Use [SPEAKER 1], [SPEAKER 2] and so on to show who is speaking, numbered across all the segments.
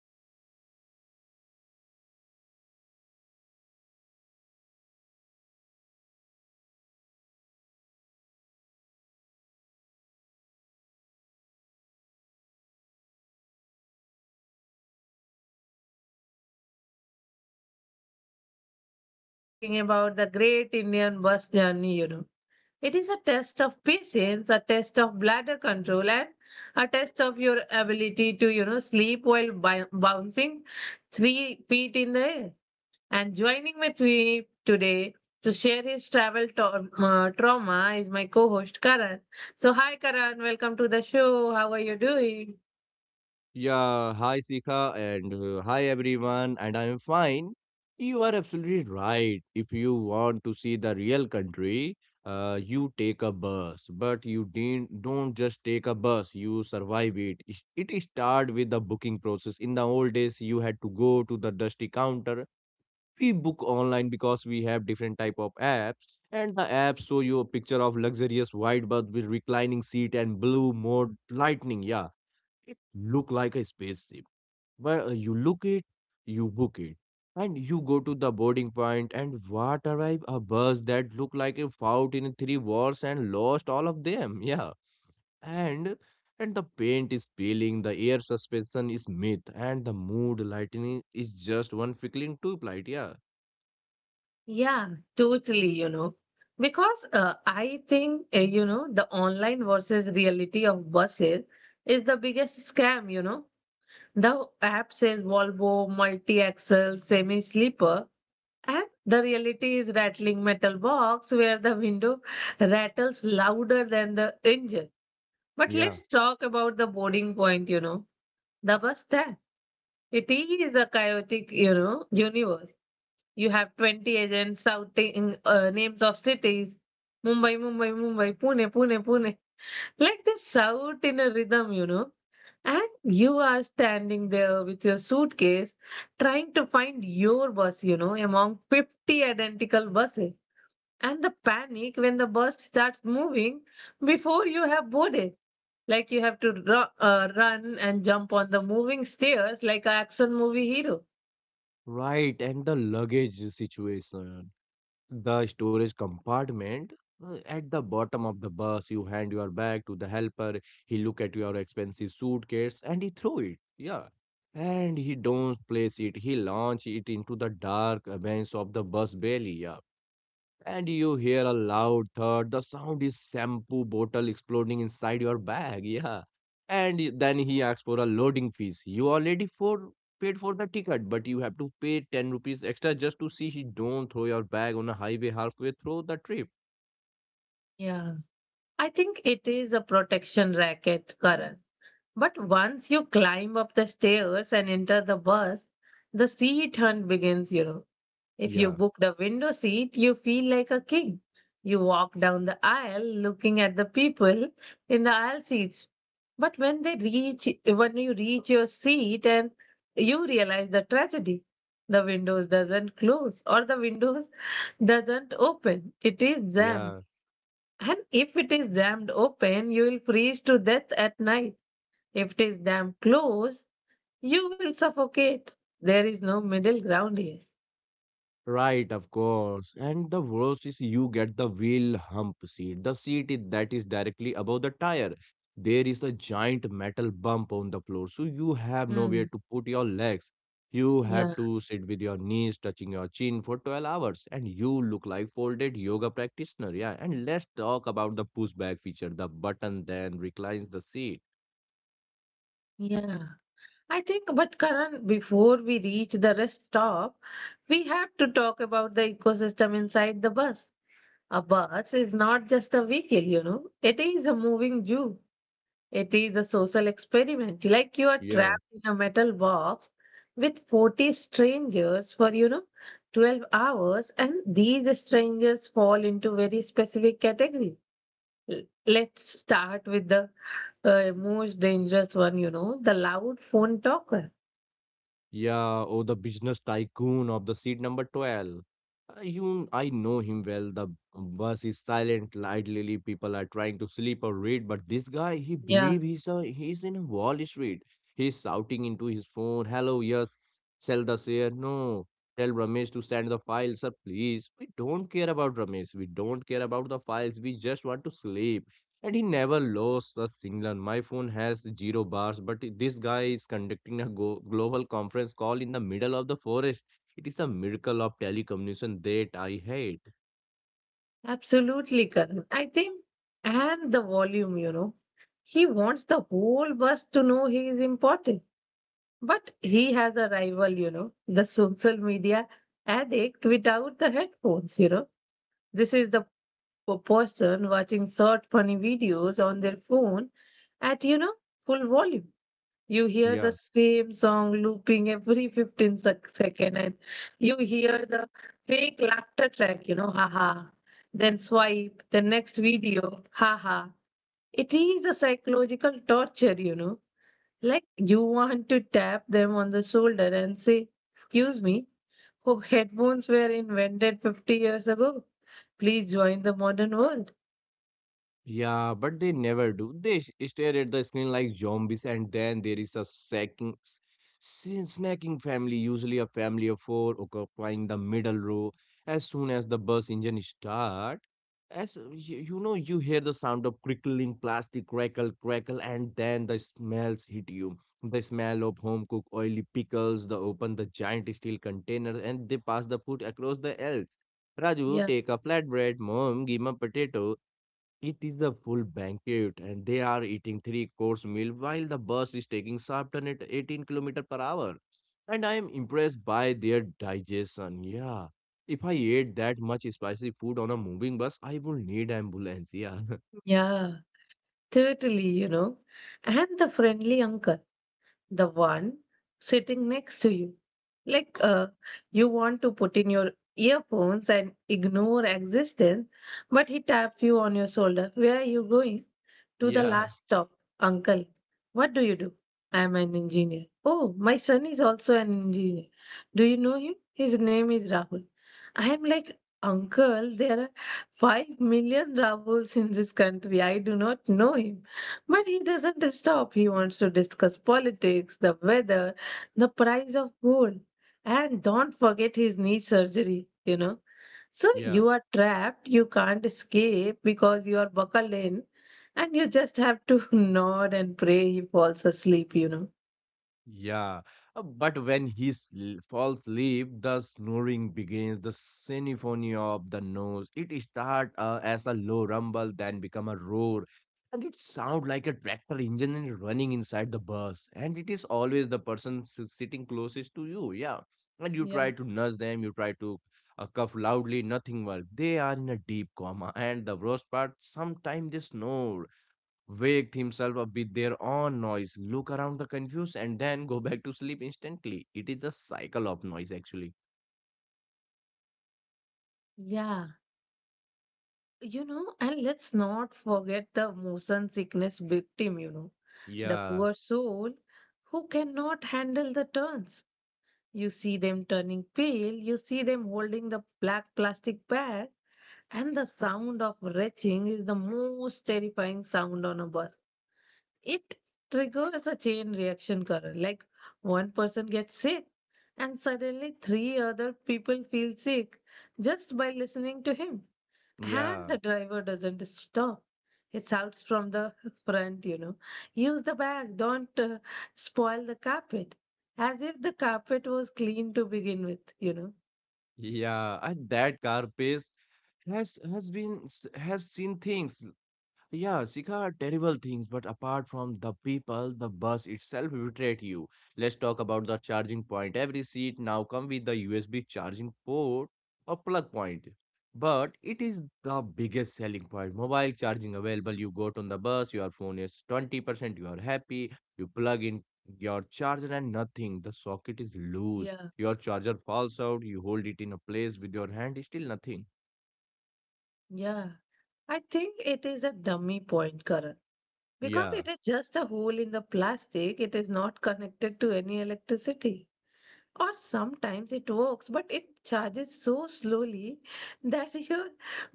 [SPEAKER 1] and today we are going to talk about true lifelines of India. Forget planes, forget trains. The real Indian experience happens on six wheels, usually traveling at a speed that defies physics, on roads that defies geography. We are talking about the great Indian bus journey. It is a test of patience, a test of bladder control, and a test of your ability to sleep while bouncing 3 feet in the air. And joining with me today to share his travel trauma is my co-host Karan. So, hi Karan, welcome to the show. How are you doing?
[SPEAKER 2] Yeah, hi Sika and hi everyone, and I'm fine. You are absolutely right. If you want to see the real country, you take a bus, but you didn't, don't just take a bus, you survive it. It start with the booking process. In the old days, you had to go to the dusty counter. We book online because we have different type of apps, and the apps show you a picture of luxurious white bus with reclining seat and blue mode lightning. Yeah, it look like a spaceship where you look it, you book it, and you go to the boarding point and what arrive a bus that look like it fought in 3 wars and lost all of them. Yeah. And and the paint is peeling, the air suspension is myth, and the mood lightning is just one flickering tube light. Yeah.
[SPEAKER 1] Yeah, totally. Because I think, the online versus reality of buses is the biggest scam. The app says Volvo multi-axle semi-sleeper, and the reality is rattling metal box where the window rattles louder than the engine. But
[SPEAKER 2] Yeah.
[SPEAKER 1] let's talk about the boarding point, the bus stand. It is a chaotic universe. You have 20 agents shouting names of cities. Mumbai, Mumbai, Mumbai, Pune, Pune, Pune. Like they shout in a rhythm. And you are standing there with your suitcase trying to find your bus among 50 identical buses. And the panic when the bus starts moving before you have boarded. Like you have to run and jump on the moving stairs like an action movie hero.
[SPEAKER 2] Right, and the luggage situation. The storage compartment, at the bottom of the bus, you hand your bag to the helper. He look at your expensive suitcase and he throw it, yeah, and he don't place it, he launch it into the dark vents of the bus belly, yeah, and you hear a loud thud. The sound is shampoo bottle exploding inside your bag. Yeah. And then he asks for a loading fees. You already for paid for the ticket, but you have to pay 10 rupees extra just to see he don't throw your bag on a highway halfway through the trip.
[SPEAKER 1] Yeah. I think it is a protection racket, Karan. But once you climb up the stairs and enter the bus, the seat hunt begins. If you
[SPEAKER 2] Yeah.
[SPEAKER 1] book the window seat, you feel like a king. You walk down the aisle looking at the people in the aisle seats. But when you reach your seat and you realize the tragedy, the windows doesn't close or the windows doesn't open. It is jammed.
[SPEAKER 2] Yeah.
[SPEAKER 1] And if it is jammed open, you will freeze to death at night. If it is jammed closed, you will suffocate. There is no middle ground here.
[SPEAKER 2] Right, of course. And the worst is you get the wheel hump seat, the seat that is directly above the tire. There is a giant metal bump on the floor, so you have
[SPEAKER 1] Hmm.
[SPEAKER 2] nowhere to put your legs. You have
[SPEAKER 1] Yeah.
[SPEAKER 2] to sit with your knees touching your chin for 12 hours, and you look like folded yoga practitioner. Yeah, and let's talk about the pushback feature, the button then reclines the seat.
[SPEAKER 1] Yeah. I think, but Karan, before we reach the rest stop, we have to talk about the ecosystem inside the bus. A bus is not just a vehicle, it is a moving zoo. It is a social experiment. Like you are
[SPEAKER 2] Yeah.
[SPEAKER 1] trapped in a metal box with 40 strangers for 12 hours, and these strangers fall into very specific category. Let's start with the most dangerous one, the loud phone talker.
[SPEAKER 2] Yeah, oh, the business tycoon of the seat number 12. I know him well. The bus is silent, idly people are trying to sleep or read, but this guy, he
[SPEAKER 1] Yeah,
[SPEAKER 2] believe he's in a Wall Street. He's shouting into his phone, "Hello, yes, sell the share. No, tell Ramesh to send the file, sir, please. We don't care about Ramesh. We don't care about the files. We just want to sleep." And he never lost a signal. My phone has zero bars, but this guy is conducting a global conference call in the middle of the forest. It is a miracle of telecommunication that I hate.
[SPEAKER 1] absolutely, Karan. I think, and the volume, he wants the whole bus to know he is important. But he has a rival, the social media addict without the headphones. This is the person watching short, funny videos on their phone at full volume. You hear the
[SPEAKER 2] Yeah.
[SPEAKER 1] same song looping every 15 second, and you hear the fake laughter track haha, then swipe the next video, haha. It is a psychological torture like you want to tap them on the shoulder and say, excuse me, oh, headphones were invented 50 years ago, please join the modern world.
[SPEAKER 2] Yeah, but they never do. They stare at the screen like zombies, and then there is a snacking, snacking family, usually a family of 4, occupying the middle row. As soon as the bus engine start, as you you hear the sound of crickling plastic crackle, crackle, and then the smells hit you. The smell of home cooked oily pickles. They open the giant steel container, and they pass the food across the aisles. Raju,
[SPEAKER 1] Yeah,
[SPEAKER 2] take a flatbread. Mom, give me a potato. It is the full banquet, and they are eating three course meal while the bus is taking Sharpton at 18 kilometer per hour. And I am impressed by their digestion. Yeah, if I ate that much spicy food on a moving bus, I would need ambulance. Yeah,
[SPEAKER 1] yeah, totally and the friendly uncle, the one sitting next to you. Like you want to put in your earphones and ignore existence, but he taps you on your shoulder. Where are you going? To the
[SPEAKER 2] yeah,
[SPEAKER 1] last stop, uncle. What do you do? I am an engineer. Oh, my son is also an engineer. Do you know him? His name is Rahul. I am like, uncle, there are 5 million Rahuls in this country. I do not know him. But he doesn't stop. He wants to discuss politics, the weather, the price of gold, and don't forget his knee surgery. So
[SPEAKER 2] yeah.
[SPEAKER 1] you are trapped, you can't escape because you are buckled in, and you just have to nod and pray he falls asleep.
[SPEAKER 2] Yeah, but when he falls asleep, the snoring begins. The symphony of the nose. It starts as a low rumble, then become a roar, and it sounds like a tractor engine and running inside the bus. And it is always the person sitting closest to you. Yeah, and you try
[SPEAKER 1] Yeah.
[SPEAKER 2] to nudge them. You try to cough loudly. Nothing works. They are in a deep coma, and the worst part, sometimes they snore waked himself up with their own noise, look around the confused, and then go back to sleep instantly. It is the cycle of noise, actually.
[SPEAKER 1] Yeah, and let's not forget the motion sickness victim, the
[SPEAKER 2] Yeah,
[SPEAKER 1] poor soul who cannot handle the turns. You see them turning pale, you see them holding the black plastic bag, and the sound of retching is the most terrifying sound on a bus. It triggers a chain reaction, Karan. Like one person gets sick, and suddenly three other people feel sick just by listening to him. And
[SPEAKER 2] yeah.
[SPEAKER 1] the driver doesn't stop. He shouts from the front, use the bag, don't spoil the carpet. As if the carpet was clean to begin with.
[SPEAKER 2] Yeah, and that car pace has has seen things. Yeah, Sika, are terrible things, but apart from the people, the bus itself betrayed you. Let's talk about the charging point. Every seat now come with the USB charging port or plug point. But it is the biggest selling point. Mobile charging available. You got on the bus, your phone is 20%, you are happy, you plug in your charger and nothing. The socket is loose.
[SPEAKER 1] Yeah,
[SPEAKER 2] Your charger falls out, you hold it in a place with your hand, still nothing.
[SPEAKER 1] yeah. I think it is a dummy point, Karan, because
[SPEAKER 2] Yeah,
[SPEAKER 1] it is just a hole in the plastic. It is not connected to any electricity. Or sometimes it works, but it charges so slowly that your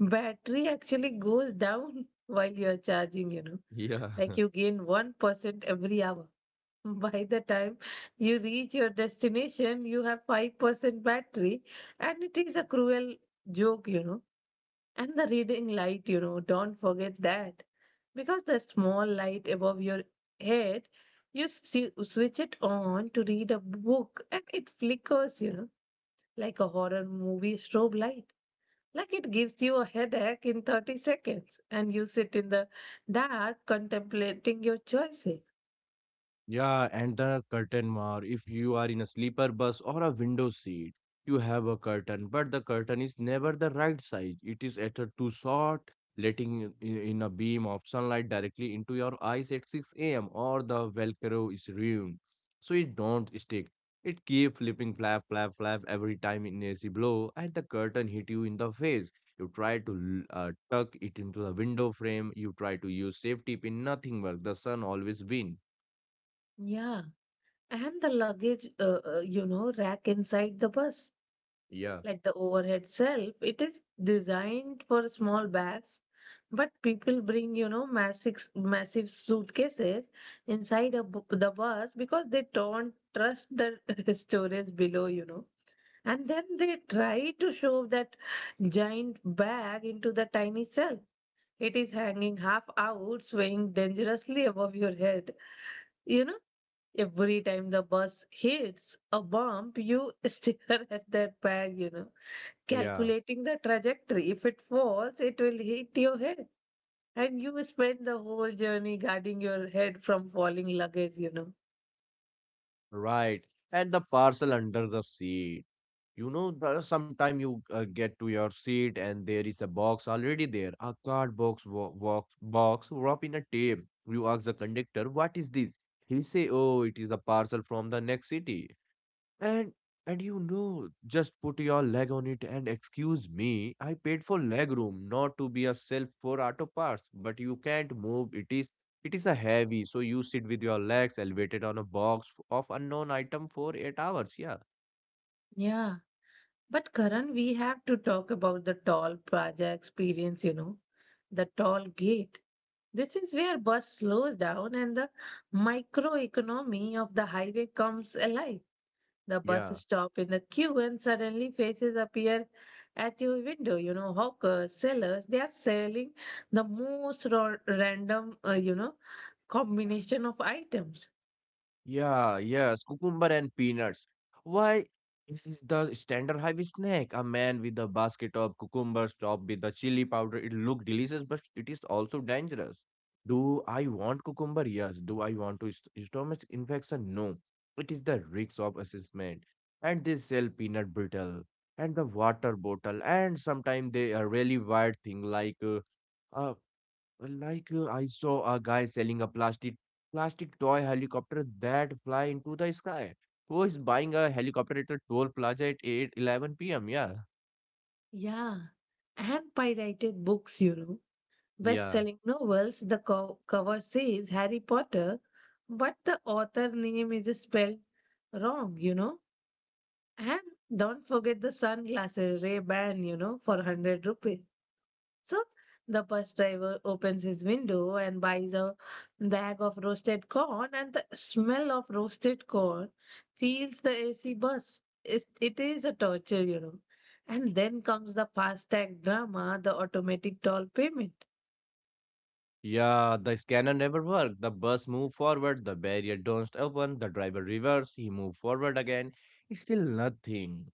[SPEAKER 1] battery actually goes down while you are charging. Like
[SPEAKER 2] yeah.
[SPEAKER 1] you gain 1% every hour. By the time you reach your destination, you have 5% battery, and it is a cruel joke. And the reading light, don't forget that. Because the small light above your head, you switch it on to read a book and it flickers, like a horror movie strobe light. Like it gives you a headache in 30 seconds, and you sit in the dark contemplating your choices.
[SPEAKER 2] Yeah, and the curtain more. If you are in a sleeper bus or a window seat, you have a curtain, but the curtain is never the right size. It is at a too short, letting in a beam of sunlight directly into your eyes at 6 a.m. or the Velcro is ruined. So it don't stick. It keep flipping flap, flap, flap every time in AC blow, and the curtain hit you in the face. You try to tuck it into the window frame. You try to use safety pin. Nothing work. The sun always win.
[SPEAKER 1] Yeah, and the luggage rack inside the bus,
[SPEAKER 2] Yeah.
[SPEAKER 1] like the overhead shelf, it is designed for small bags, but people bring, massive, massive suitcases inside the bus because they don't trust the storage below. And then they try to shove that giant bag into the tiny cell. It is hanging half out, swaying dangerously above your head. You know? Every time the bus hits a bump, you stare at that bag,
[SPEAKER 2] Yeah,
[SPEAKER 1] calculating the trajectory. If it falls, it will hit your head. And you spend the whole journey guarding your head from falling luggage.
[SPEAKER 2] right. And the parcel under the seat. You know, sometime you get to your seat and there is a box already there, a card box, box wrapped in a tape. You ask the conductor, "What is this?" He say, "Oh, it is a parcel from the next city." And and you know, just put your leg on it and excuse me, I paid for leg room, not to be a self for auto parts, but you can't move. It is a heavy, so you sit with your legs elevated on a box of unknown item for 8 hours. Yeah.
[SPEAKER 1] Yeah. But Karan, we have to talk about the tall Praja experience, the tall gate. This is where bus slows down and the microeconomy of the highway comes alive. The bus
[SPEAKER 2] Yeah.
[SPEAKER 1] stop in the queue and suddenly faces appear at your window. Hawkers, sellers, they are selling the most random, combination of items.
[SPEAKER 2] Yeah, yes, cucumber and peanuts. Why? This is the standard highway snack. A man with a basket of cucumbers topped with the chili powder. It looked delicious, but it is also dangerous. Do I want cucumber? Yes. Do I want to stomach infection? No. It is the risk of assessment. And they sell peanut brittle and the water bottle and sometimes they a really weird thing like uh, like I saw a guy selling a plastic toy helicopter that fly into the sky. Who is buying a helicopter at a toll plaza at 8 p.m.? Yeah.
[SPEAKER 1] Yeah. And pirated books. Best
[SPEAKER 2] Yeah.
[SPEAKER 1] selling novels, the cover says Harry Potter, but the author name is spelled wrong. And don't forget the sunglasses, Ray Ban, for 100 rupees. So the bus driver opens his window and buys a bag of roasted corn, and the smell of roasted corn fills the AC bus. It is a torture. And then comes the fast tag drama, the automatic toll payment.
[SPEAKER 2] Yeah, the scanner never worked. The bus moved forward, the barrier don't open, the driver reversed, he moved forward again. It's still nothing.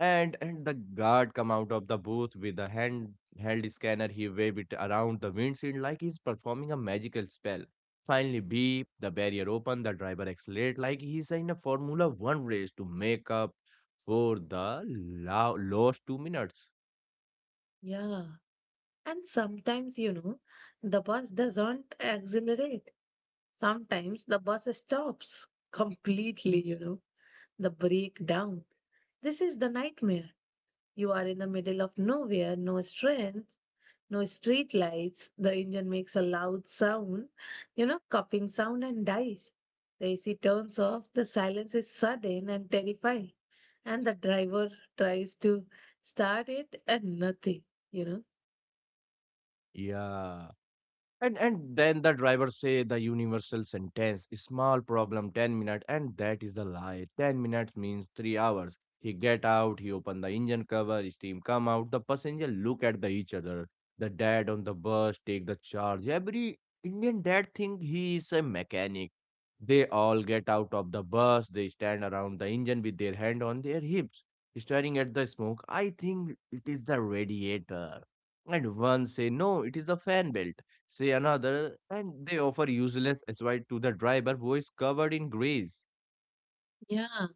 [SPEAKER 2] And the guard come out of the booth with a hand held scanner. He waved it around the windshield like he's performing a magical spell. Finally, beep, the barrier open, the driver accelerate like he's in a Formula One race to make up for the lost 2 minutes.
[SPEAKER 1] Yeah. And sometimes, the bus doesn't accelerate. Sometimes the bus stops completely, the breakdown. This is the nightmare. You are in the middle of nowhere, no strength, no street lights. The engine makes a loud sound, coughing sound and dies. The AC turns off, the silence is sudden and terrifying. And the driver tries to start it and nothing, you know.
[SPEAKER 2] Yeah. And then the driver say the universal sentence, small problem, 10 minutes, and that is the lie. 10 minutes means 3 hours. He get out, he open the engine cover, steam come out, the passenger look at the each other. The dad on the bus take the charge. Every Indian dad think he is a mechanic. They all get out of the bus, they stand around the engine with their hand on their hips, staring at the smoke. I think it is the radiator. And one say, no, it is the fan belt say another, and they offer useless aside to the driver who is covered in grease.
[SPEAKER 1] Yeah,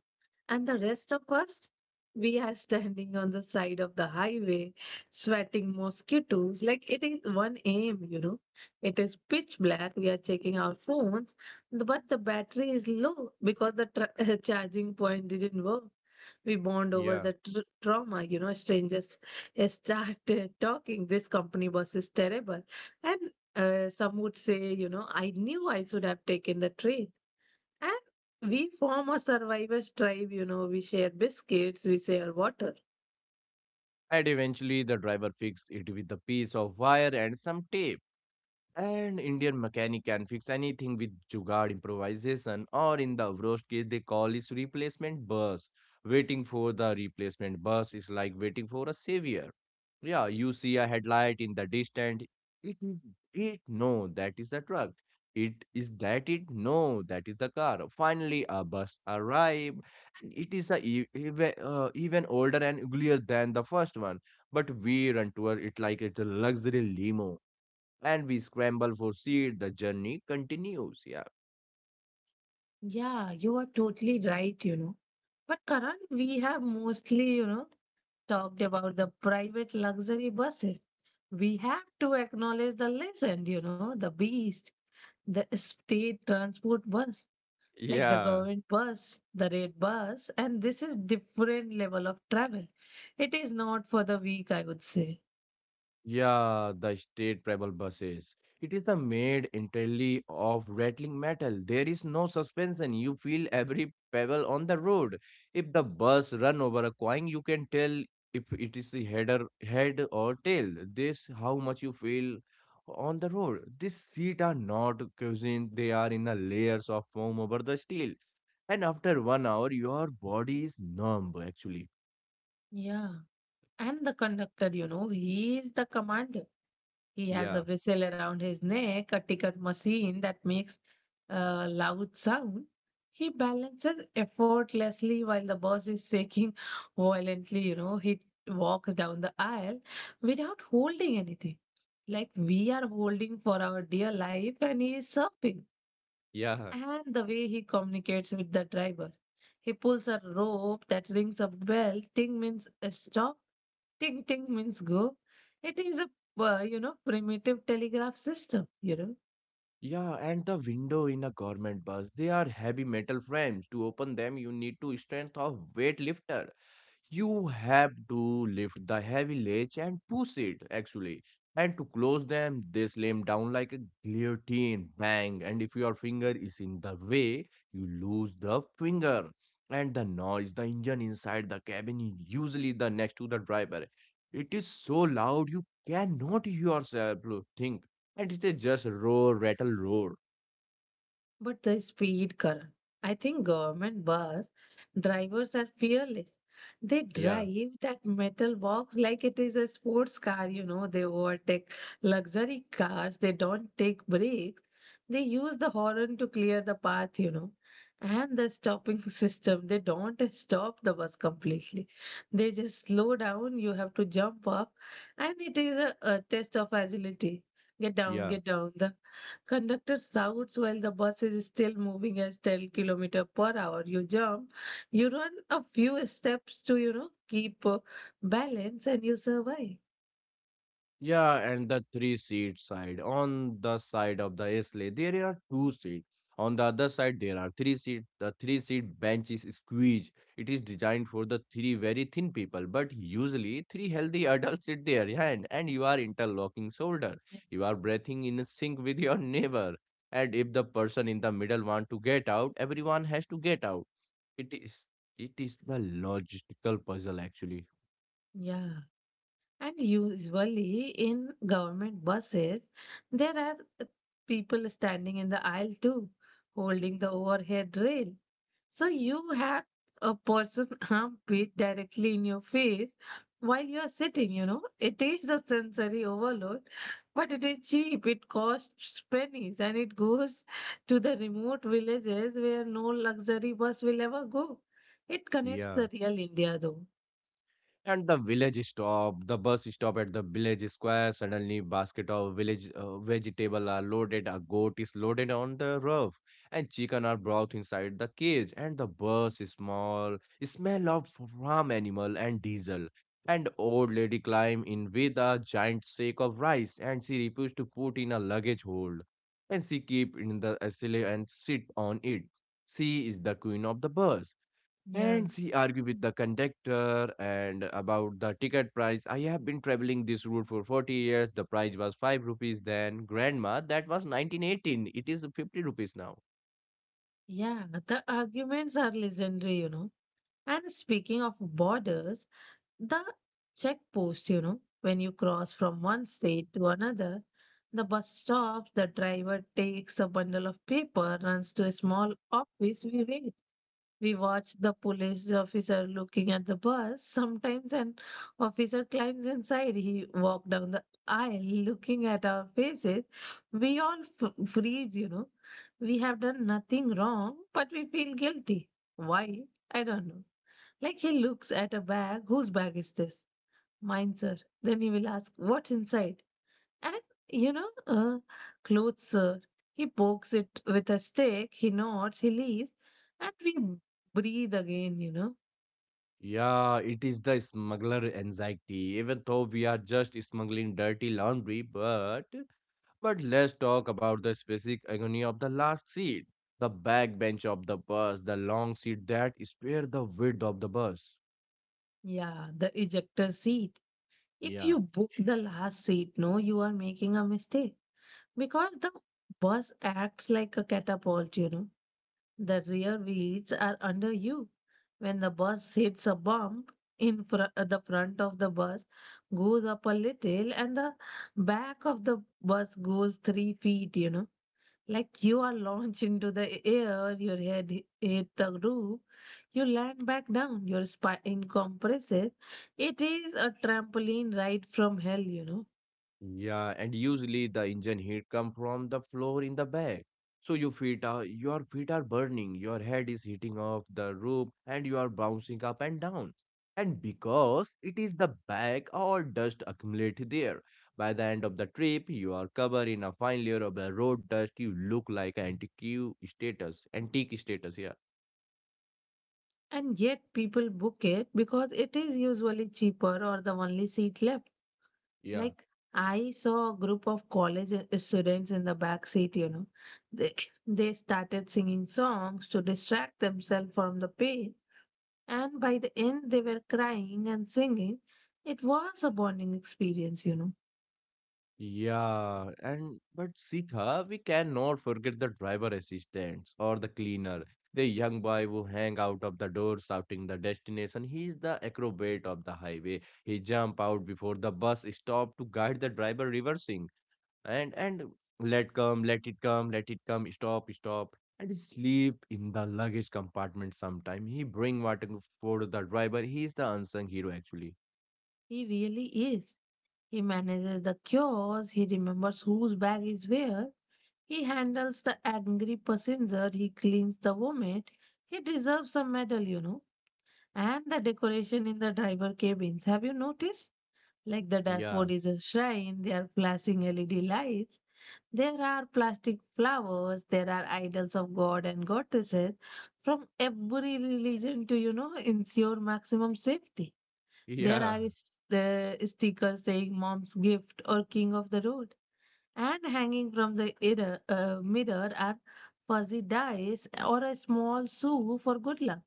[SPEAKER 1] and the rest of us, we are standing on the side of the highway, sweating mosquitoes. Like it is 1 a.m.. It is pitch black. We are checking our phones, but the battery is low because the charging point didn't work. We bond over
[SPEAKER 2] Yeah.
[SPEAKER 1] the trauma. Strangers started talking. This company bus is terrible. And some would say, I knew I should have taken the train, and we form a survivors tribe. We share biscuits, we share water.
[SPEAKER 2] And eventually, the driver fixes it with a piece of wire and some tape. And Indian mechanic can fix anything with jugaad improvisation, or in the worst case, they call it replacement bus. Waiting for the replacement bus is like waiting for a savior. Yeah, you see a headlight in the distance. It is it. No, that is the truck. It is that it. No, that is the car. Finally, a bus arrive, and it is a even older and uglier than the first one. But we run to it like it's a luxury limo and we scramble for seat. The journey continues. Yeah.
[SPEAKER 1] Yeah, you are totally right. But Karan, we have mostly, talked about the private luxury buses. We have to acknowledge the legend, the beast, the state transport bus, like the
[SPEAKER 2] Yeah.
[SPEAKER 1] government bus, the red bus, and this is different level of travel. It is not for the weak, I would say.
[SPEAKER 2] Yeah, the state travel buses. It is a made entirely of rattling metal. There is no suspension. You feel every pebble on the road. If the bus run over a coin, you can tell if it is the head or tail. This how much you feel on the road. These seats are not cushioned. They are in a layers of foam over the steel. And after 1 hour, your body is numb actually.
[SPEAKER 1] Yeah. And the conductor, he is the commander. He has
[SPEAKER 2] Yeah,
[SPEAKER 1] a whistle around his neck, a ticket machine that makes a loud sound. He balances effortlessly while the boss is shaking violently. He walks down the aisle without holding anything. Like we are holding for our dear life, and he is surfing.
[SPEAKER 2] yeah.
[SPEAKER 1] And the way he communicates with the driver. He pulls a rope that rings a bell. Thing means stop. Ting ting means go. It is a primitive telegraph system.
[SPEAKER 2] Yeah, and the window in a government bus, they are heavy metal frames. To open them, you need to strength of weightlifter. You have to lift the heavy ledge and push it actually, and to close them they slam down like a guillotine. Bang! And if your finger is in the way, you lose the finger. And the noise, the engine inside the cabin is usually the next to the driver. It is so loud you cannot yourself think. And it is just roar, rattle, roar.
[SPEAKER 1] But the speed car. I think government bus drivers are fearless. They
[SPEAKER 2] yeah
[SPEAKER 1] drive that metal box like it is a sports car. They overtake luxury cars. They don't take breaks. They use the horn to clear the path, you know. And the stopping system. They don't stop the bus completely. They just slow down. You have to jump up. And it is a test of agility. Get down,
[SPEAKER 2] yeah
[SPEAKER 1] get down. The conductor shouts while the bus is still moving at 10 kilometer per hour. You jump, you run a few steps to, keep balance and you survive.
[SPEAKER 2] Yeah, and the three-seat side. On the side of the Islay, there are two seats. On the other side, there are three seat. The three-seat bench is squeezed. It is designed for the three very thin people, but usually three healthy adults sit there, yeah, and you are interlocking shoulder.
[SPEAKER 1] Yeah.
[SPEAKER 2] You are breathing in sync with your neighbor. And if the person in the middle want to get out, everyone has to get out. It is it is a logistical puzzle actually.
[SPEAKER 1] Yeah. And usually in government buses, there are people standing in the aisle too, holding the overhead rail. So you have a person arm beat directly in your face while you are sitting, you know. It is a sensory overload, but it is cheap. It costs pennies and it goes to the remote villages where no luxury bus will ever go. It connects
[SPEAKER 2] Yeah.
[SPEAKER 1] the real India though.
[SPEAKER 2] And the village stop, the bus stop at the village square. Suddenly, basket of village vegetable are loaded. A goat is loaded on the roof, and chicken are brought inside the cage. And the bus is small, smell of farm animal and diesel. And old lady climb in with a giant sack of rice, and she refused to put in a luggage hold, and she keep in the SLA and sit on it. She is the queen of the bus,
[SPEAKER 1] Yeah.
[SPEAKER 2] and she argued with the conductor and about the ticket price. I have been traveling this route for 40 years. The price was 5 rupees then. Grandma, that was 1918. It is 50 rupees now.
[SPEAKER 1] Yeah, the arguments are legendary, you know. And speaking of borders, the checkpost, you know, when you cross from one state to another, the bus stops, the driver takes a bundle of paper, runs to a small office, we wait. We watch the police officer looking at the bus. Sometimes an officer climbs inside. He walks down the aisle looking at our faces. We all freeze, you know. We have done nothing wrong, but we feel guilty. Why? I don't know. Like he looks at a bag. Whose bag is this? Mine, sir. Then he will ask, what's inside? And, you know, uh, clothes, sir. He pokes it with a stick, he nods, he leaves, and we breathe again, you know.
[SPEAKER 2] Yeah, it is the smuggler anxiety. Even though we are just smuggling dirty laundry, but let's talk about the specific agony of the last seat. The back bench of the bus, the long seat that spare the width of the bus.
[SPEAKER 1] Yeah, the ejector seat. If
[SPEAKER 2] Yeah.
[SPEAKER 1] you book the last seat, no, you are making a mistake, because the bus acts like a catapult, you know. The rear wheels are under you. When the bus hits a bump, the front of the bus goes up a little and the back of the bus goes 3 feet, you know. Like you are launched into the air, your head hit the roof, you land back down, your spine compresses. It is a trampoline ride from hell, you know.
[SPEAKER 2] Yeah, and usually the engine heat come from the floor in the back. So your feet are burning, your head is hitting off the roof, and you are bouncing up and down. And because it is the back, all dust accumulate there. By the end of the trip, you are covered in a fine layer of the road dust. You look like an antique status, antique status. Yeah,
[SPEAKER 1] And yet people book it because it is usually cheaper or the only seat left.
[SPEAKER 2] yeah.
[SPEAKER 1] Like I saw a group of college students in the back seat, you know. They, they started singing songs to distract themselves from the pain, and by the end, they were crying and singing. It was a bonding experience, you know.
[SPEAKER 2] Yeah, and but Sika, we cannot forget the driver assistants or the cleaner, the young boy who hang out of the door shouting the destination. He is the acrobat of the highway. He jump out before the bus stop to guide the driver reversing, and let come, let it come, let it come, stop, stop. And he sleep in the luggage compartment sometime. He bring water for the driver. He is the unsung hero actually.
[SPEAKER 1] He really is. He manages the cures, he remembers whose bag is where. He handles the angry passenger, he cleans the vomit. He deserves a medal, you know. And the decoration in the driver cabins. Have you noticed? Like the
[SPEAKER 2] Yeah,
[SPEAKER 1] dashboard is a shrine, there are flashing LED lights, there are plastic flowers, there are idols of god and goddesses from every religion to, you know, ensure maximum safety. There
[SPEAKER 2] yeah.
[SPEAKER 1] are stickers saying mom's gift or king of the road, and hanging from the inner, mirror are fuzzy dice or a small shoe for good luck.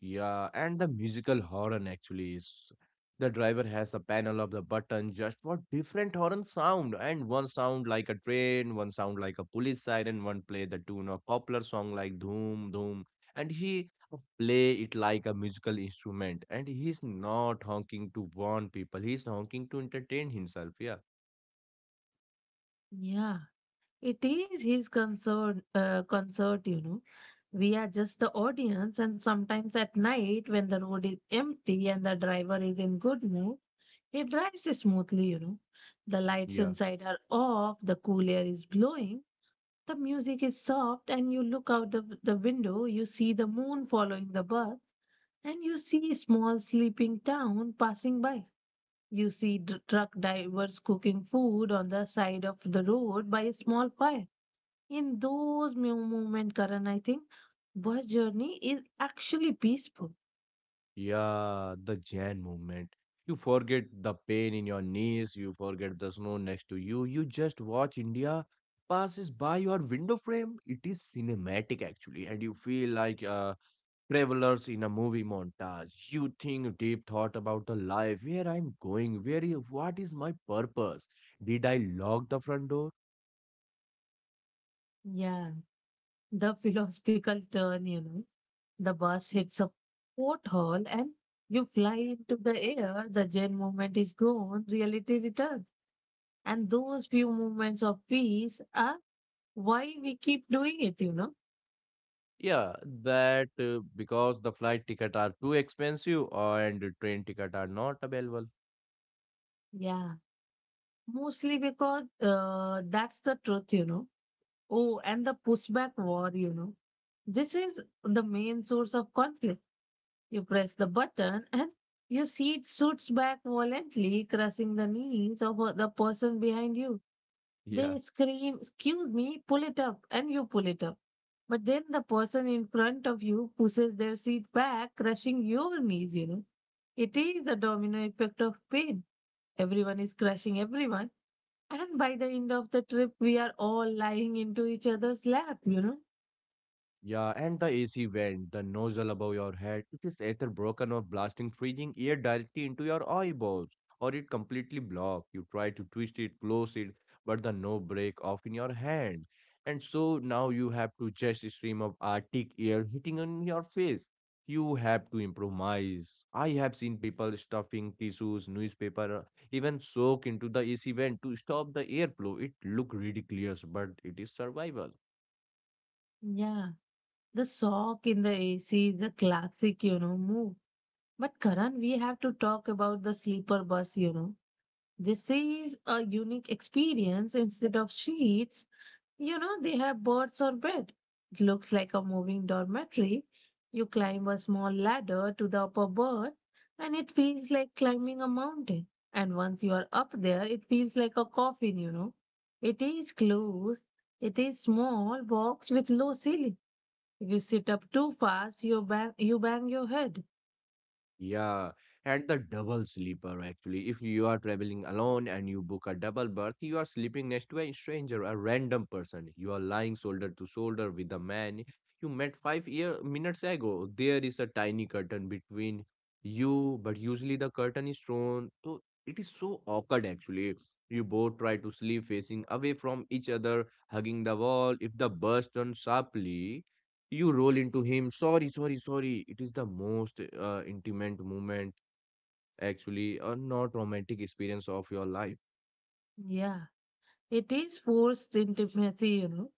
[SPEAKER 2] Yeah, and the musical horn actually is. The driver has a panel of the button just for different horn sound, and one sound like a train, one sound like a police siren, one play the tune of popular song like Dhoom Dhoom, and he play it like a musical instrument. And he's not honking to warn people; he's honking to entertain himself. Yeah,
[SPEAKER 1] Yeah, it is his concert, you know. We are just the audience, and sometimes at night when the road is empty and the driver is in good mood, he drives smoothly, you know. The lights
[SPEAKER 2] yeah.
[SPEAKER 1] inside are off, the cool air is blowing, the music is soft, and you look out the window, you see the moon following the birds, and you see small sleeping town passing by. You see truck drivers cooking food on the side of the road by a small fire. In those moment, Karan, I think bus journey is actually peaceful.
[SPEAKER 2] Yeah, the Jan movement. You forget the pain in your knees, you forget the snow next to you, you just watch India passes by your window frame. It is cinematic actually, and you feel like travelers in a movie montage. You think deep thought about the life. Where I'm going, where what is my purpose? Did I lock the front door?
[SPEAKER 1] Yeah, the philosophical turn, you know. The bus hits a porthole and you fly into the air. The Zen moment is gone. Reality returns. And those few moments of peace are why we keep doing it, you know?
[SPEAKER 2] Yeah, that because the flight ticket are too expensive and train ticket are not available.
[SPEAKER 1] Yeah. Mostly because that's the truth, you know? Oh, and the pushback war, you know? This is the main source of conflict. You press the button and your seat shoots back violently, crushing the knees of the person behind you.
[SPEAKER 2] Yeah.
[SPEAKER 1] They scream, excuse me, pull it up, and you pull it up. But then the person in front of you pushes their seat back, crushing your knees, you know. It is a domino effect of pain. Everyone is crushing everyone. And by the end of the trip, we are all lying into each other's lap, you know.
[SPEAKER 2] Yeah, and the AC vent, the nozzle above your head, it is either broken or blasting freezing air directly into your eyeballs, or it completely blocked. You try to twist it, close it, but the knob break off in your hand. And so now you have to just stream of Arctic air hitting on your face. You have to improvise. I have seen people stuffing tissues, newspaper, even soak into the AC vent to stop the airflow. It look ridiculous, but it is survival.
[SPEAKER 1] Yeah. The sock in the AC is a classic, you know, move. But Karan, we have to talk about the sleeper bus, you know. This is a unique experience. Instead of sheets, you know, they have birds on bed. It looks like a moving dormitory. You climb a small ladder to the upper berth, and it feels like climbing a mountain. And once you are up there, it feels like a coffin, you know. It is closed. It is small box with low ceiling. If you sit up too fast, you bang your head.
[SPEAKER 2] Yeah, and the double sleeper actually. If you are traveling alone and you book a double berth, you are sleeping next to a stranger, a random person. You are lying shoulder to shoulder with a man you met 5 year minutes ago. There is a tiny curtain between you, but usually the curtain is thrown. So it is so awkward actually. You both try to sleep facing away from each other, hugging the wall. If the bus turns sharply, you roll into him. Sorry, sorry, sorry. It is the most intimate moment, actually, a not romantic experience of your life.
[SPEAKER 1] Yeah. It is forced intimacy, you know.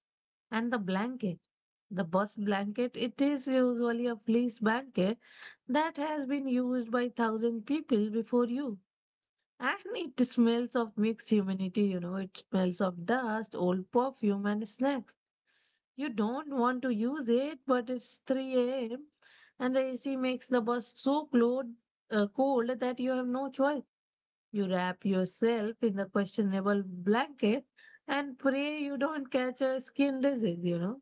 [SPEAKER 1] And the blanket, the bus blanket, it is usually a fleece blanket that has been used by thousand people before you. And it smells of mixed humanity, you know, it smells of dust, old perfume, and snacks. You don't want to use it, but it's 3 a.m. and the AC makes the bus so cold that you have no choice. You wrap yourself in the questionable blanket and pray you don't catch a skin disease, you know.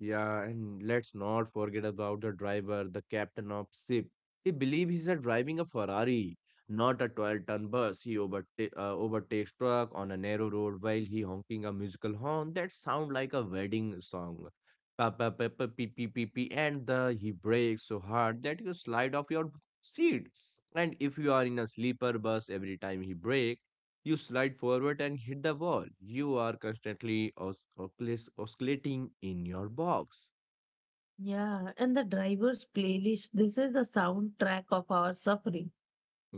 [SPEAKER 2] Yeah, and let's not forget about the driver, the captain of ship. He believes he's a driving a Ferrari, not a 12-ton bus. He overtakes truck on a narrow road while he honking a musical horn that sound like a wedding song. Pa pa pa pa, pee pee pee pee, and the he brakes so hard that you slide off your seat. And if you are in a sleeper bus, every time he brake, you slide forward and hit the wall. You are constantly oscillating in your box.
[SPEAKER 1] Yeah, and the driver's playlist, this is the soundtrack of our suffering.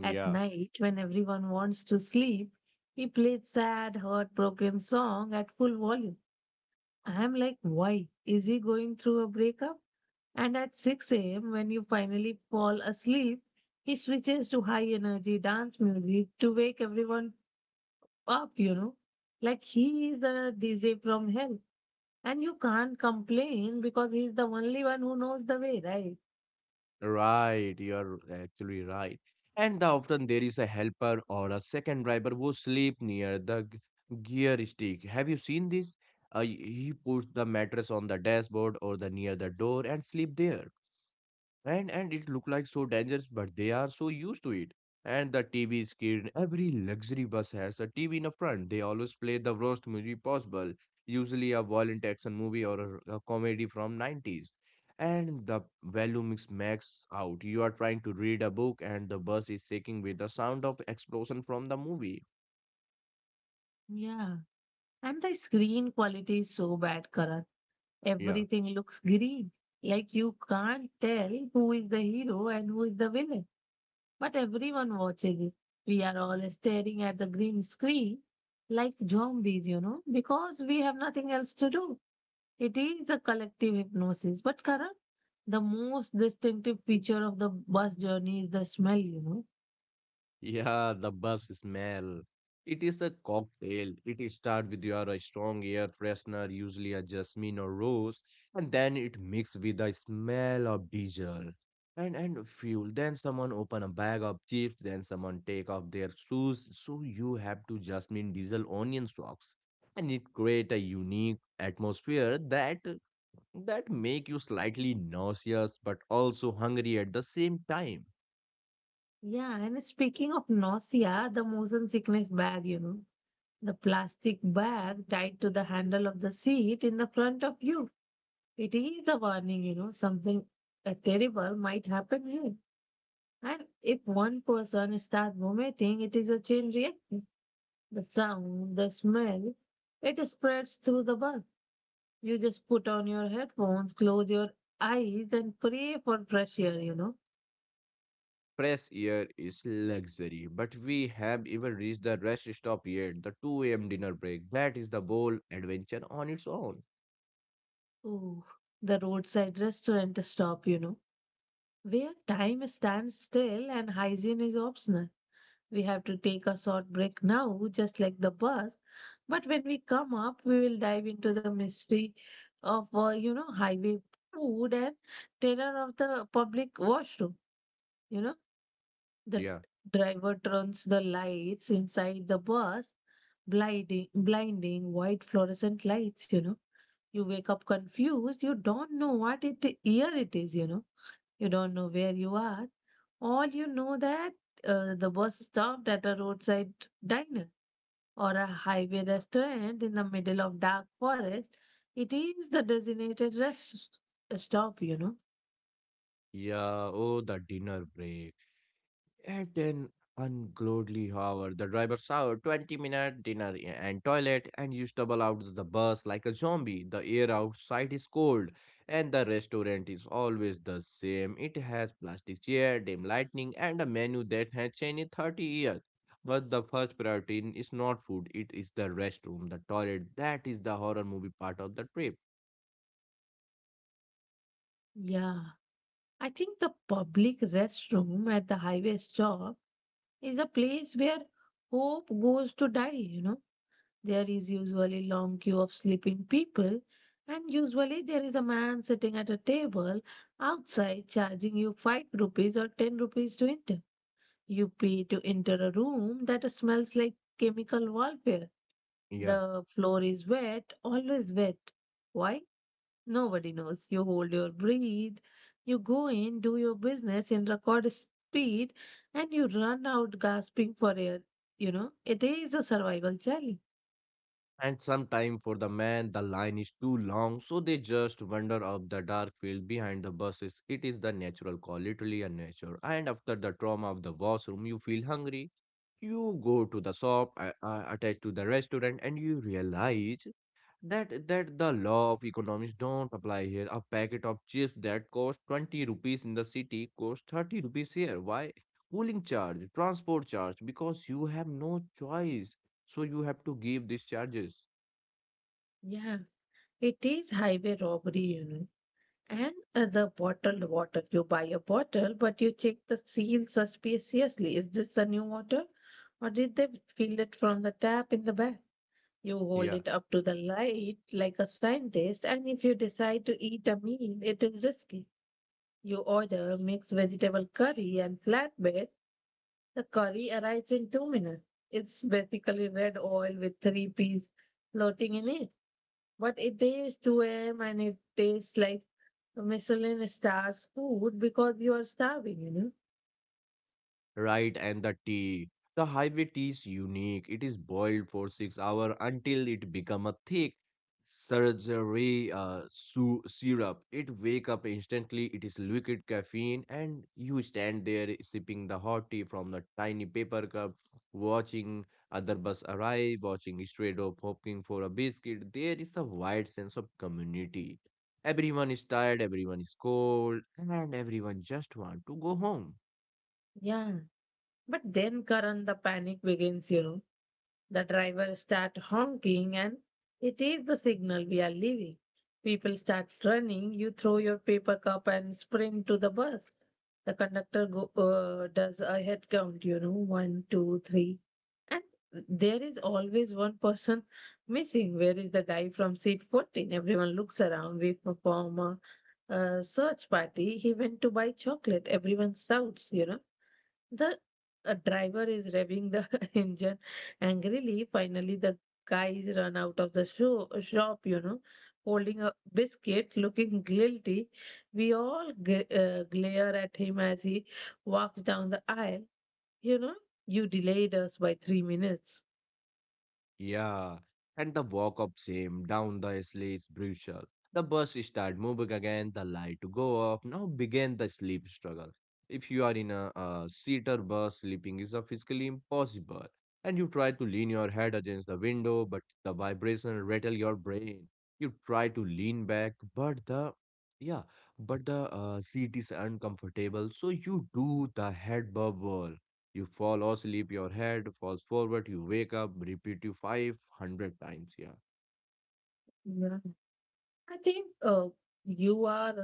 [SPEAKER 1] At night, when everyone wants to sleep, he plays sad, heartbroken song at full volume. I am like, why? Is he going through a breakup? And at 6 a.m., when you finally fall asleep, he switches to high energy dance music to wake everyone up, you know. Like he is a DJ from hell. And you can't complain because he's the only one who knows the way, right?
[SPEAKER 2] right. You're actually right. And the, often there is a helper or a second driver who sleep near the gear stick. Have you seen this? He puts the mattress on the dashboard or the near the door and sleep there. And it look like so dangerous, but they are so used to it. And the TV screen, every luxury bus has a TV in the front. They always play the worst movie possible, usually a violent action movie or a comedy from 90's, and the volume is maxed out. You are trying to read a book and the bus is shaking with the sound of explosion from the movie.
[SPEAKER 1] Yeah. And the screen quality is so bad, Karan.
[SPEAKER 2] yeah.
[SPEAKER 1] Everything looks green. Like you can't tell who is the hero and who is the villain. But everyone watches it. We are all staring at the green screen like zombies, you know, because we have nothing else to do. It is a collective hypnosis, but Karan, the most distinctive feature of the bus journey is the smell, you know.
[SPEAKER 2] Yeah, the bus smell. It is a cocktail. It start with your a strong air freshener, usually a jasmine or rose, and then it mixes with the smell of diesel and fuel. Then someone open a bag of chips. Then someone take off their shoes. So you have to jasmine diesel onion socks, and it create a unique atmosphere that make you slightly nauseous but also hungry at the same time.
[SPEAKER 1] Yeah, and speaking of nausea, the motion sickness bag, you know, the plastic bag tied to the handle of the seat in the front of you. It is a warning, you know, something terrible might happen here. And if one person starts vomiting, it is a chain reaction. The sound, the smell, it spreads through the bus. You just put on your headphones, close your eyes, and pray for fresh air, you know.
[SPEAKER 2] Fresh air is luxury, but we have even reached the rest stop yet, the 2 a.m. dinner break. That is the whole adventure on its own.
[SPEAKER 1] Ooh, the roadside restaurant stop, you know, where time stands still and hygiene is optional. We have to take a short break now, just like the bus. But when we come up, we will dive into the mystery of, highway food and terror of the public washroom. You know, the
[SPEAKER 2] Yeah.
[SPEAKER 1] driver turns the lights inside the bus, blinding white fluorescent lights. You know, you wake up confused. You don't know what it year it is. You know, you don't know where you are. All you know that the bus stopped at a roadside diner or a highway restaurant in the middle of dark forest. It is the designated rest stop. You know,
[SPEAKER 2] Yeah, oh, the dinner break. At an ungodly hour, the driver saw 20-minute dinner and toilet and you stumble out of the bus like a zombie. The air outside is cold and the restaurant is always the same. It has plastic chair, dim lighting, and a menu that has changed in 30 years. But the first priority is not food, it is the restroom, the toilet. That is the horror movie part of the trip.
[SPEAKER 1] yeah. I think the public restroom at the highway stop is a place where hope goes to die, you know. There is usually long queue of sleeping people and usually there is a man sitting at a table outside charging you 5 rupees or 10 rupees to enter. You pay to enter a room that smells like chemical warfare.
[SPEAKER 2] Yeah.
[SPEAKER 1] The floor is wet, always wet. Why? Nobody knows. You hold your breath, you go in, do your business in record speed, and you run out gasping for air. You know, it is a survival challenge.
[SPEAKER 2] And sometime for the man, the line is too long, so they just wander up the dark field behind the buses. It is the natural call, literally a nature. And after the trauma of the washroom, you feel hungry. You go to the shop attached to the restaurant, and you realize that the law of economics don't apply here. A packet of chips that cost 20 rupees in the city costs 30 rupees here. Why? Cooling charge, transport charge, because you have no choice. So you have to give these charges.
[SPEAKER 1] Yeah, it is highway robbery, you know. And the bottled water. You buy a bottle, but you check the seal suspiciously. Is this the new water? Or did they fill it from the tap in the back? You hold
[SPEAKER 2] Yeah,
[SPEAKER 1] it up to the light like a scientist, and if you decide to eat a meal, it is risky. You order mixed vegetable curry and flatbread. The curry arrives in 2 minutes. It's basically red oil with three peas floating in it. But it is 2 a.m. and it tastes like Michelin stars food because you are starving, you know?
[SPEAKER 2] right. And the tea. The highway tea is unique. It is boiled for 6 hours until it become a thick surgery syrup. It wake up instantly. It is liquid caffeine, and you stand there sipping the hot tea from the tiny paper cup, watching other bus arrive, watching straight up, hoping for a biscuit. There is a wide sense of community. Everyone is tired, everyone is cold, and everyone just want to go home.
[SPEAKER 1] Yeah. But then Karan, the panic begins, you know. The driver start honking and it is the signal we are leaving. People start running. You throw your paper cup and sprint to the bus. The conductor go, does a head count, you know, one, two, three. And There is always one person missing. Where is the guy from seat 14? Everyone looks around. We perform a search party. He went to buy chocolate. Everyone shouts, you know the a driver is revving the engine angrily. Finally, the guys run out of the shop, holding a biscuit, looking guilty. We all glare at him as he walks down the aisle. You know, you delayed us by 3 minutes.
[SPEAKER 2] Yeah, and the walk up same down the sleigh is brutal. The bus start moving again, the light go up. Now begin the sleep struggle. If you are in a, seater bus, sleeping is a physically impossible. And you try to lean your head against the window, but the vibration rattle your brain. You try to lean back, but the yeah, but the seat is uncomfortable, so you do the head bubble. You fall or sleep. Your head falls forward, you wake up, repeat you 500 times. Yeah.
[SPEAKER 1] Yeah. I think you are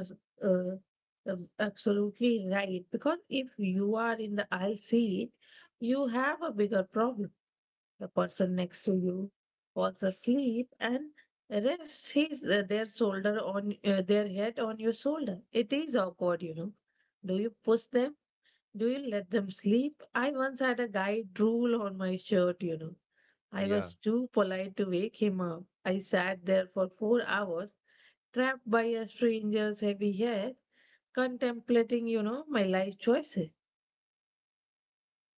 [SPEAKER 1] uh, uh, absolutely right because if you are in the aisle seat, you have a bigger problem. The person next to you falls asleep and rests his their shoulder on their head on your shoulder. It is awkward, you know. Do you push them? Do you let them sleep? I once had a guy drool on my shirt. I
[SPEAKER 2] Yeah.
[SPEAKER 1] was too polite to wake him up. I sat there for 4 hours, trapped by a stranger's heavy head, contemplating, my life choices.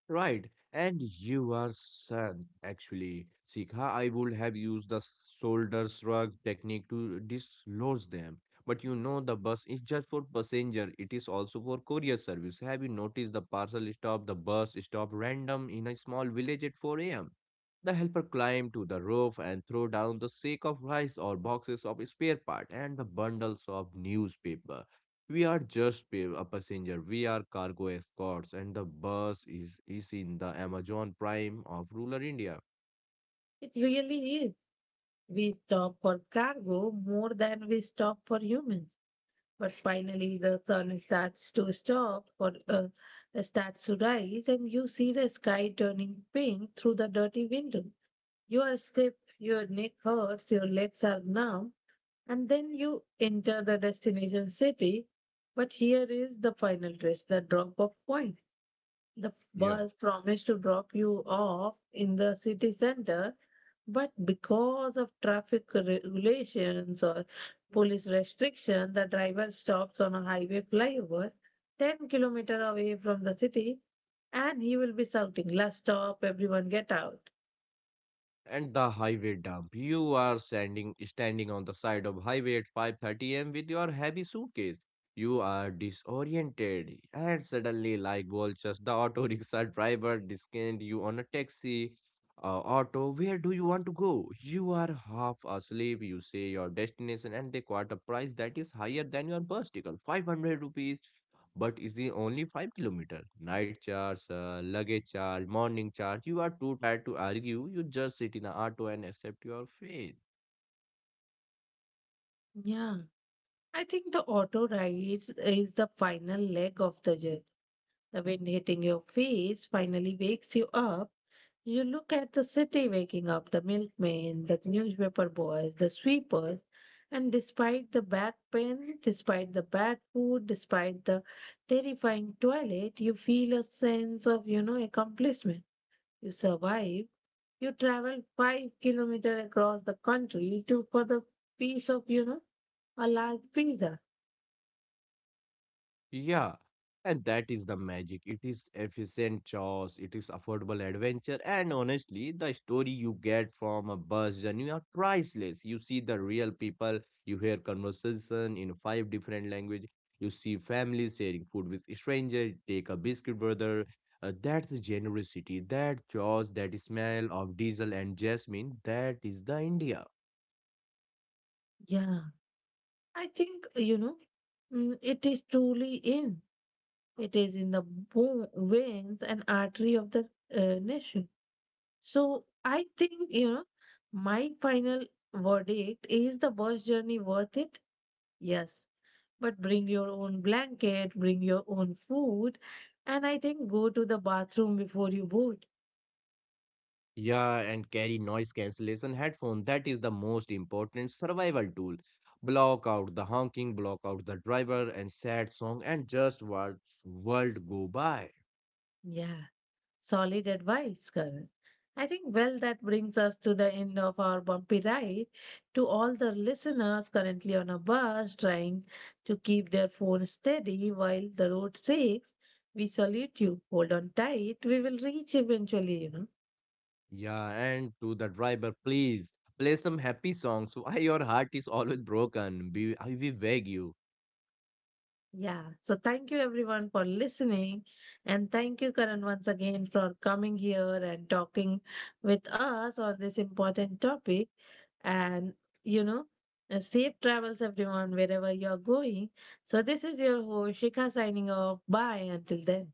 [SPEAKER 2] Right, and you are son, actually. Sikha, I would have used the shoulder shrug technique to dislodge them. But you know, the bus is just for passenger, it is also for courier service. Have you noticed the parcel stop, the bus stop random in a small village at 4 a.m.? The helper climbed to the roof and threw down the sack of rice or boxes of spare part and the bundles of newspaper. We are just a passenger. We are cargo escorts, and the bus is in the Amazon prime of rural India.
[SPEAKER 1] It really is. We stop for cargo more than we stop for humans. But finally, the sun starts to rise, and you see the sky turning pink through the dirty window. Your step, your neck hurts, your legs are numb, and then you enter the destination city. But here is the final twist the drop off point. The
[SPEAKER 2] Yeah.
[SPEAKER 1] bus promised to drop you off in the city center, but because of traffic regulations or police restriction, the driver stops on a highway flyover 10 kilometer away from the city, and he will be shouting, "Last stop, everyone get out."
[SPEAKER 2] And the highway dump. You are standing on the side of highway at 5:30 a.m. with your heavy suitcase. You are disoriented, and suddenly, like vultures, the auto rickshaw driver discount you on a taxi. Auto, where do you want to go? You are half asleep. You say your destination, and they quote a price that is higher than your bus ticket, 500 rupees, but is the only 5-kilometer night charge, luggage charge, morning charge. You are too tired to argue. You just sit in the auto and accept your fate.
[SPEAKER 1] Yeah. I think the auto rides is the final leg of the journey. The wind hitting your face finally wakes you up. You look at the city waking up, the milkman, the newspaper boys, the sweepers, and despite the bad pen, despite the bad food, despite the terrifying toilet, you feel a sense of, you know, accomplishment. You survive. You travel 5 kilometers across the country to for the piece of, you know, a large pizza.
[SPEAKER 2] Yeah, and that is the magic. It is efficient chores, it is affordable adventure, and honestly, the story you get from a bus journey are priceless. You see the real people, you hear conversation in 5 different languages, you see families sharing food with stranger. Take a biscuit brother. That's generosity, that chores, that smell of diesel and jasmine, that is the India.
[SPEAKER 1] Yeah. I think, it is truly in. It is in the bone, veins and artery of the nation. So I think, you know, my final verdict is the bus journey worth it? Yes. But bring your own blanket, bring your own food, and I think go to the bathroom before you board.
[SPEAKER 2] Yeah, and carry noise cancellation headphone. That is the most important survival tool. Block out the honking, block out the driver and sad song, and just watch world go by.
[SPEAKER 1] Yeah. Solid advice, Karan. I think, well, that brings us to the end of our bumpy ride. To all the listeners currently on a bus trying to keep their phone steady while the road shakes, we salute you. Hold on tight. We will reach eventually, you know.
[SPEAKER 2] Yeah, and to the driver, please play some happy songs. Why your heart is always broken? Be I will beg you.
[SPEAKER 1] Yeah. So thank you everyone for listening. And thank you, Karan, once again for coming here and talking with us on this important topic. And, you know, safe travels, everyone, wherever you're going. So this is your host, Shikha, signing off. Bye. Until then.